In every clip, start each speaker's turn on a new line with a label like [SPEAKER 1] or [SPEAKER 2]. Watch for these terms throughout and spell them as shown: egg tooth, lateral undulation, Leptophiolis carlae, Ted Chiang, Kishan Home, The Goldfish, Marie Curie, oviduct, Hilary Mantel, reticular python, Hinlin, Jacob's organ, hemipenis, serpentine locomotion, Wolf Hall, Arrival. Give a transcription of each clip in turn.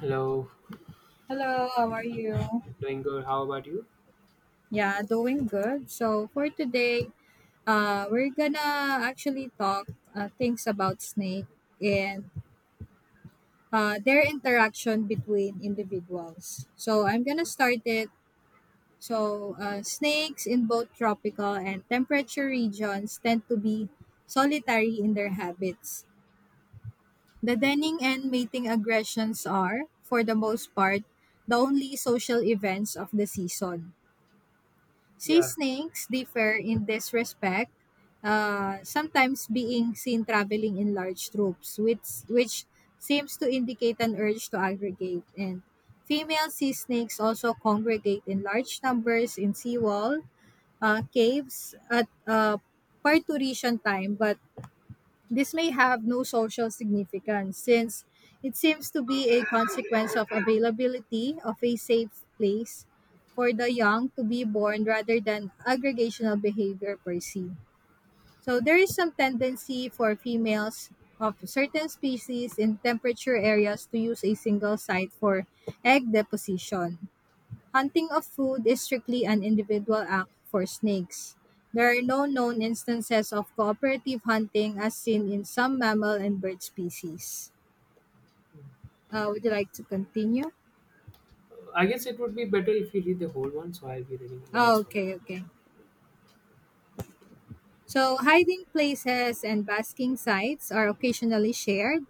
[SPEAKER 1] Hello,
[SPEAKER 2] Hello, how are you?
[SPEAKER 1] doing good. How about you?
[SPEAKER 2] Yeah, doing good. So for today, we're gonna actually talk things about snake and their interaction between individuals. So I'm gonna start it. So snakes in both tropical and temperate regions tend to be solitary in their habits. The
[SPEAKER 1] Okay.
[SPEAKER 2] denning and mating aggressions are, for the most part, the only social events of the season. Sea
[SPEAKER 1] Yeah.
[SPEAKER 2] snakes differ in this respect, sometimes being seen traveling in large troops, which seems to indicate an urge to aggregate. And female sea snakes also congregate in large numbers in seawall caves at parturition time, but this may have no social significance since it seems to be a consequence of availability of a safe place for the young to be born rather than aggregational behavior per se. So there is some tendency for females of certain species in temperature areas to use a single site for egg deposition. Hunting of food is strictly an individual act for snakes. There are no known instances of cooperative hunting as seen in some mammal and bird species. Would you like to continue?
[SPEAKER 1] I guess it would be better if you read the whole one, so I'll be reading the
[SPEAKER 2] Oh,
[SPEAKER 1] next one.
[SPEAKER 2] okay, okay. So, hiding places and basking sites are occasionally shared,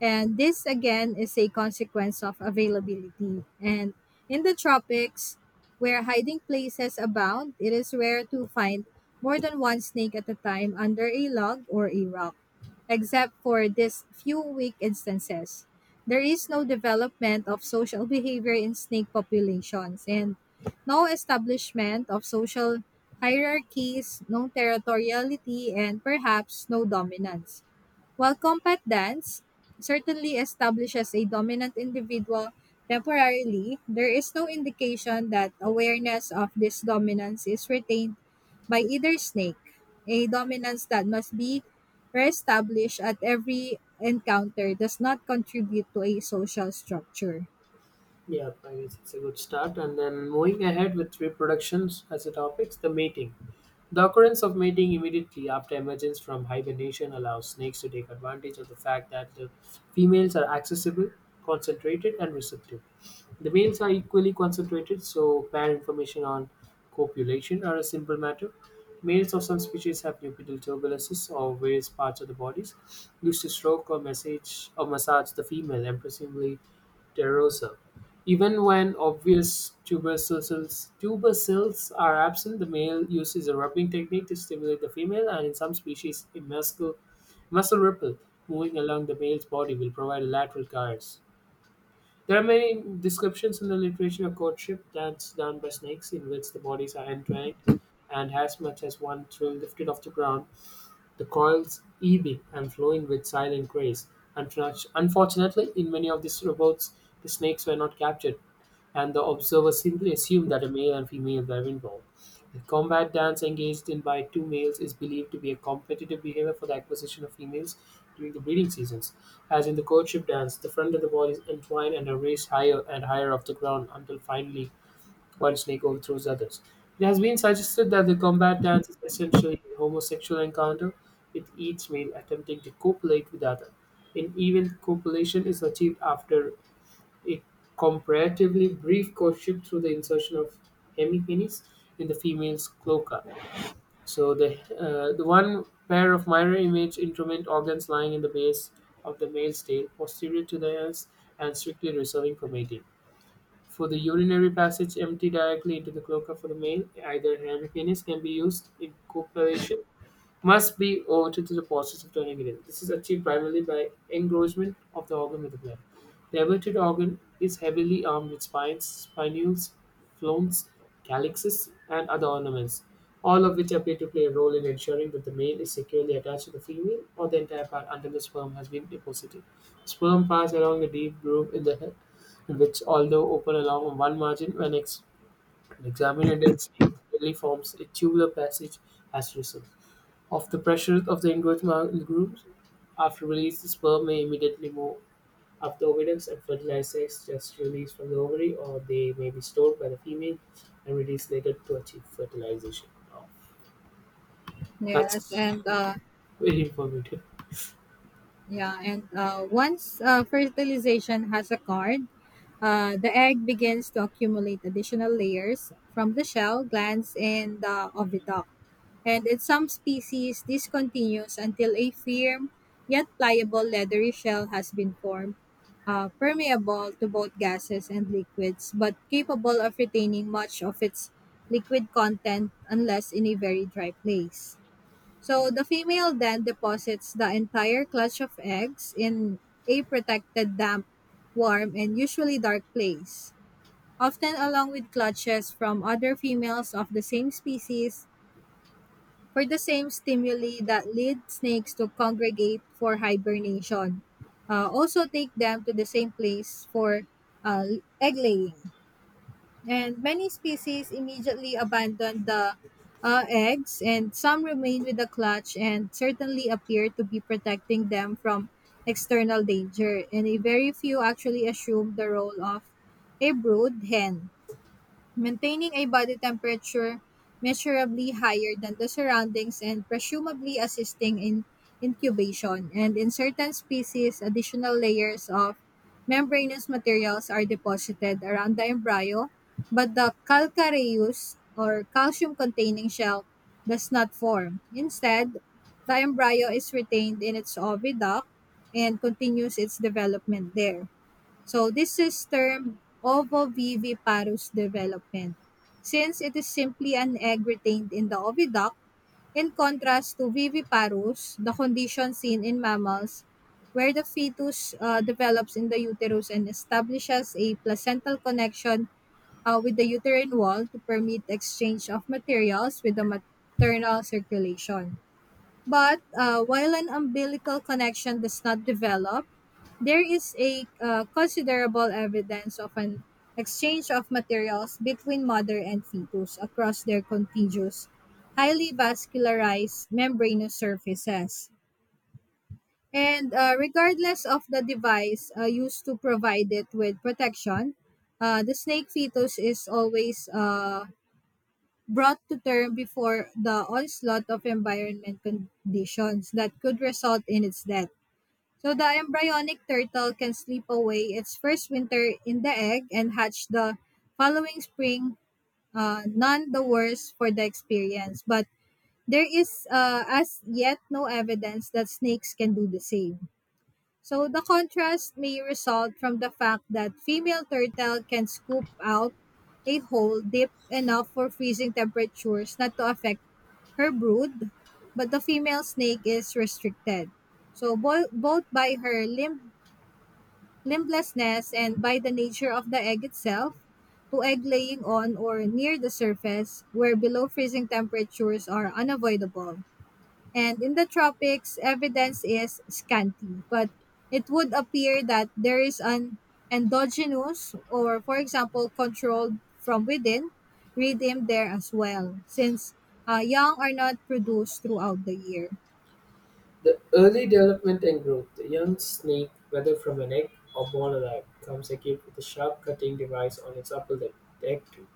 [SPEAKER 2] and this again is a consequence of availability. And in the tropics, where hiding places abound, it is rare to find more than one snake at a time under a log or a rock, except for these few weak instances. There is no development of social behavior in snake populations, and no establishment of social hierarchies, no territoriality, and perhaps no dominance. While combat dance certainly establishes a dominant individual temporarily, there is no indication that awareness of this dominance is retained by either snake. A dominance that must be reestablished at every encounter does not contribute to a social structure.
[SPEAKER 1] Yeah, I guess it's a good start. And then moving ahead with reproductions as a topics, the mating. The occurrence of mating immediately after emergence from hibernation allows snakes to take advantage of the fact that the females are accessible, concentrated, and receptive. The males are equally concentrated, so pair information on copulation are a simple matter. Males of some species have nuptial turbulences or various parts of the bodies used to stroke or massage the female, impressively terrosa. Even when obvious tubercles are absent, the male uses a rubbing technique to stimulate the female, and in some species, a muscle ripple moving along the male's body will provide a lateral caress. There are many descriptions in the literature of courtship that's done by snakes, in which the bodies are entwined, and as much as one thrill lifted off the ground, the coils ebbing and flowing with silent grace. Unfortunately, in many of these reports, the snakes were not captured and the observer simply assume that a male and female were involved. The combat dance engaged in by two males is believed to be a competitive behavior for the acquisition of females during the breeding seasons. As in the courtship dance, the front of the body is entwined and are raised higher and higher off the ground until finally one snake overthrows others. It has been suggested that the combat dance is essentially a homosexual encounter, with each male attempting to copulate with the other. In even copulation is achieved after a comparatively brief courtship through the insertion of hemipenis in the female's cloaca. So the one pair of mirror image instrument organs lying in the base of the male's tail, posterior to the anus, and strictly reserving for mating. For the urinary passage, empty directly into the cloaca for the male, either hemipenis can be used in copulation must be owed to the process of turning it in. This is achieved primarily by engrossment of the organ with the blood. The averted organ is heavily armed with spines, spinules, phloems, calyxes, and other ornaments, all of which appear to play a role in ensuring that the male is securely attached to the female or the entire part until the sperm has been deposited. Sperm pass along a deep groove in the head, which, although open along one margin when examined at its deep, really forms a tubular passage as a result of the pressures of the endogamous groups. After release, the sperm may immediately move up the ovidums and fertilize eggs just released from the ovary, or they may be stored by the female and released later to achieve fertilization. Wow.
[SPEAKER 2] Yes,
[SPEAKER 1] That's
[SPEAKER 2] and
[SPEAKER 1] very informative.
[SPEAKER 2] Once fertilization has occurred, the egg begins to accumulate additional layers from the shell, glands, and the oviduct. And in some species, this continues until a firm yet pliable leathery shell has been formed, permeable to both gases and liquids, but capable of retaining much of its liquid content unless in a very dry place. So the female then deposits the entire clutch of eggs in a protected damp, warm, and usually dark place, often along with clutches from other females of the same species for the same stimuli that lead snakes to congregate for hibernation. Also take them to the same place for uh, egg laying, and many species immediately abandon the eggs, and some remain with the clutch and certainly appear to be protecting them from external danger, and a very few actually assume the role of a brood hen, maintaining a body temperature measurably higher than the surroundings and presumably assisting in incubation. And in certain species, additional layers of membranous materials are deposited around the embryo, but the calcareous or calcium containing shell does not form. Instead, the embryo is retained in its oviduct and continues its development there. So this is termed ovoviviparous development since it is simply an egg retained in the oviduct, in contrast to viviparous, the condition seen in mammals where the fetus develops in the uterus and establishes a placental connection with the uterine wall to permit exchange of materials with the maternal circulation. But while an umbilical connection does not develop, there is a considerable evidence of an exchange of materials between mother and fetus across their contiguous, highly vascularized membranous surfaces. And regardless of the device used to provide it with protection, the snake fetus is always brought to term before the onslaught of environment conditions that could result in its death. So the embryonic turtle can sleep away its first winter in the egg and hatch the following spring, none the worse for the experience. But there is as yet no evidence that snakes can do the same. So the contrast may result from the fact that female turtle can scoop out a hole deep enough for freezing temperatures not to affect her brood, but the female snake is restricted. So both by her limblessness and by the nature of the egg itself, to egg laying on or near the surface, where below freezing temperatures are unavoidable. And in the tropics, evidence is scanty, but it would appear that there is an endogenous, or for example, controlled from within, rhythm there as well, since young are not produced throughout the year.
[SPEAKER 1] The early development and growth. The young snake, whether from an egg or born alive, comes equipped with a sharp cutting device on its upper lip, the egg tooth.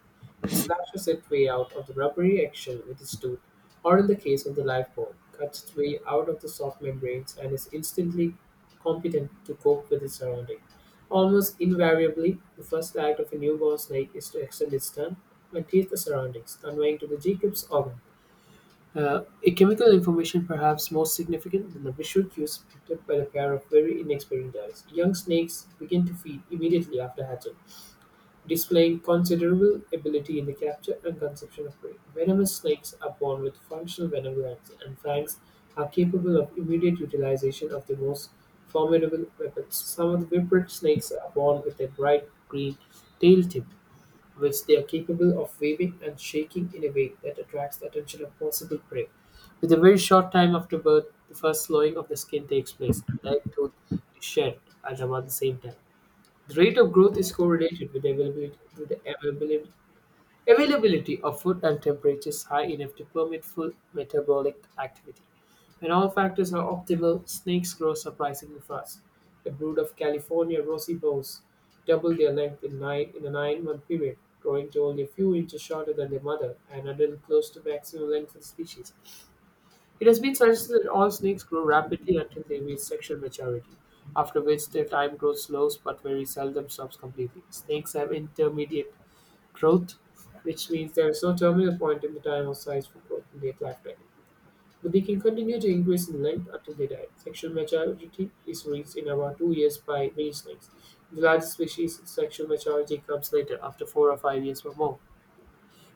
[SPEAKER 1] It slashes its way out of the rubbery eggshell with its tooth, or in the case of the live bone, cuts its way out of the soft membranes and is instantly competent to cope with its surrounding. Almost invariably, the first act of a newborn snake is to extend its tongue and taste the surroundings, conveying to the Jacob's organ uh, a chemical information perhaps more significant than the visual cues picked up by the pair of very inexperienced eyes. Young snakes begin to feed immediately after hatching, displaying considerable ability in the capture and consumption of prey. Venomous snakes are born with functional venom glands, and fangs are capable of immediate utilization of the most formidable weapons. Some of the whippered snakes are born with a bright green tail tip, which they are capable of waving and shaking in a way that attracts the attention of possible prey. With a very short time after birth, the first thawing of the skin takes place, and live tooth is shed at about the same time. The rate of growth is correlated with the availability, availability of food and temperature is high enough to permit full metabolic activity. When all factors are optimal, snakes grow surprisingly fast. A brood of California roseibos double their length in, nine, in a 9 month period, growing to only a few inches shorter than their mother and adult close to maximum length for the species. It has been suggested that all snakes grow rapidly until they reach sexual maturity, after which their time growth slows but very seldom stops completely. Snakes have intermediate growth, which means there is no terminal point in the time or size for growth in their lifetime. But they can continue to increase in length until they die. Sexual maturity is reached in about 2 years by many snakes. In the largest species, sexual maturity comes later, after 4 or 5 years or more.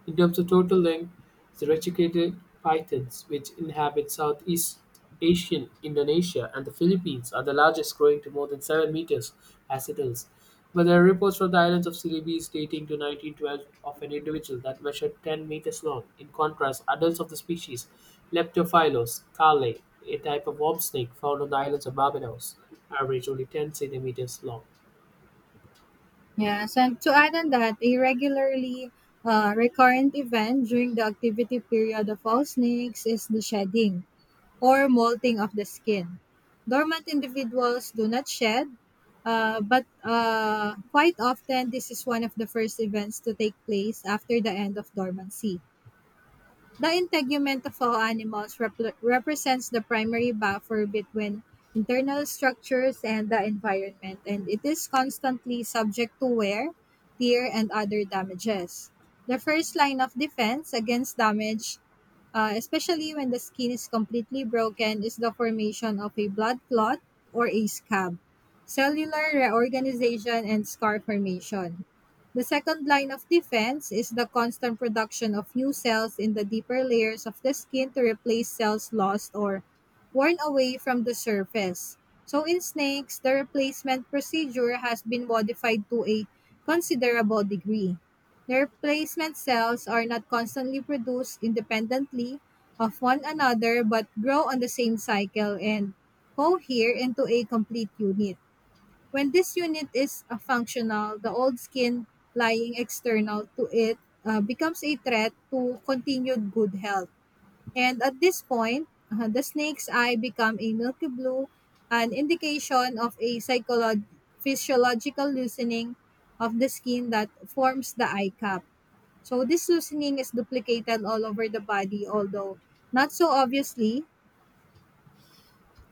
[SPEAKER 1] In terms of total length, the reticular pythons, which inhabit Southeast Asian Indonesia and the Philippines, are the largest, growing to more than 7 meters as adults. But there are reports from the islands of Celebes dating to 1912 of an individual that measured 10 meters long. In contrast, adults of the species Leptophilos carlae, a type of worm snake found on the islands of Barbados, average only 10 centimeters long.
[SPEAKER 2] Yes, and to add on that, a regularly recurrent event during the activity period of all snakes is the shedding or molting of the skin. Dormant individuals do not shed, but quite often this is one of the first events to take place after the end of dormancy. The integument of all animals represents the primary buffer between internal structures and the environment, and it is constantly subject to wear, tear, and other damages. The first line of defense against damage, especially when the skin is completely broken, is the formation of a blood clot or a scab, cellular reorganization, and scar formation. The second line of defense is the constant production of new cells in the deeper layers of the skin to replace cells lost or worn away from the surface. So in snakes, the replacement procedure has been modified to a considerable degree. The replacement cells are not constantly produced independently of one another but grow on the same cycle and cohere into a complete unit. When this unit is functional, the old skin lying external to it becomes a threat to continued good health. And at this point, the snake's eye become a milky blue, an indication of a physiological loosening of the skin that forms the eye cap. So this loosening is duplicated all over the body, although not so obviously.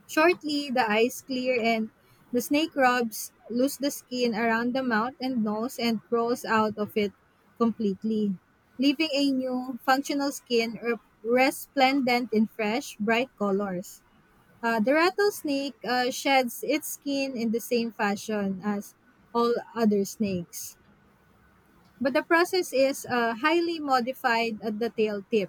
[SPEAKER 2] Shortly, the eyes clear and the snake rubs loose the skin around the mouth and nose and crawls out of it completely, leaving a new, functional skin resplendent in fresh, bright colors. The rattlesnake sheds its skin in the same fashion as all other snakes, but the process is highly modified at the tail tip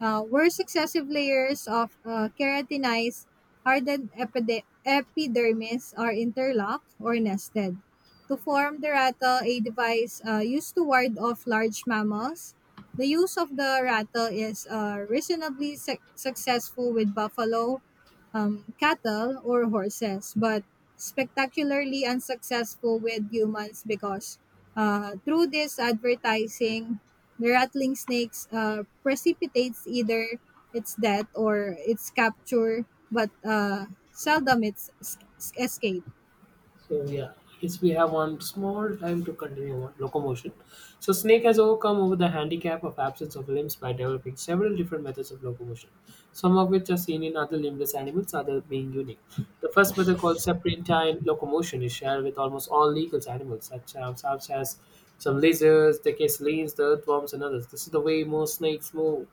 [SPEAKER 2] where successive layers of keratinized hardened epidermis are interlocked or nested to form the rattle, a device used to ward off large mammals. The use of the rattle is reasonably successful with buffalo, cattle, or horses, but spectacularly unsuccessful with humans because through this advertising the rattling snakes precipitates either its death or its capture, but seldom its escape.
[SPEAKER 1] So yeah, yes, we have one small time to continue on locomotion. So snake has overcome over the handicap of absence of limbs by developing several different methods of locomotion, some of which are seen in other limbless animals, other being unique. The first method called serpentine locomotion is shared with almost all legal animals, such as some lizards, the casalines, the earthworms, and others. This is the way most snakes move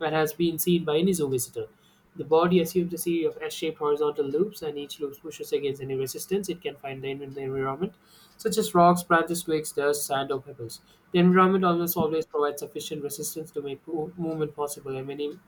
[SPEAKER 1] and has been seen by any zoo visitor. The body assumes a series of S-shaped horizontal loops, and each loop pushes against any resistance it can find in the environment, such as rocks, branches, twigs, dust, sand, or pebbles. The environment almost always provides sufficient resistance to make movement possible, and many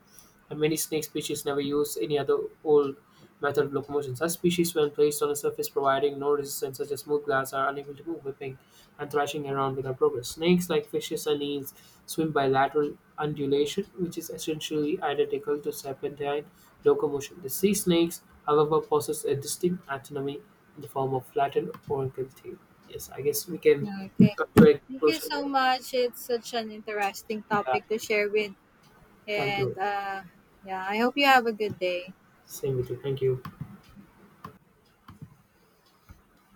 [SPEAKER 1] and many snake species never use any other old method of locomotion. Such species, when placed on a surface providing no resistance, such as smooth glass, are unable to move, whipping and thrashing around without progress. Snakes, like fishes and eels, swim by lateral undulation, which is essentially identical to serpentine locomotion. The sea snakes, however, possess a distinct anatomy in the form of flattened oracle tail. Yes, I guess we can
[SPEAKER 2] Okay.
[SPEAKER 1] come to a
[SPEAKER 2] Thank you
[SPEAKER 1] conclusion
[SPEAKER 2] so
[SPEAKER 1] there.
[SPEAKER 2] much. It's such an interesting
[SPEAKER 1] Yeah,
[SPEAKER 2] topic to share with.
[SPEAKER 1] thank
[SPEAKER 2] And
[SPEAKER 1] you.
[SPEAKER 2] uh, yeah, I hope you have a good day.
[SPEAKER 1] Same with you. Thank you.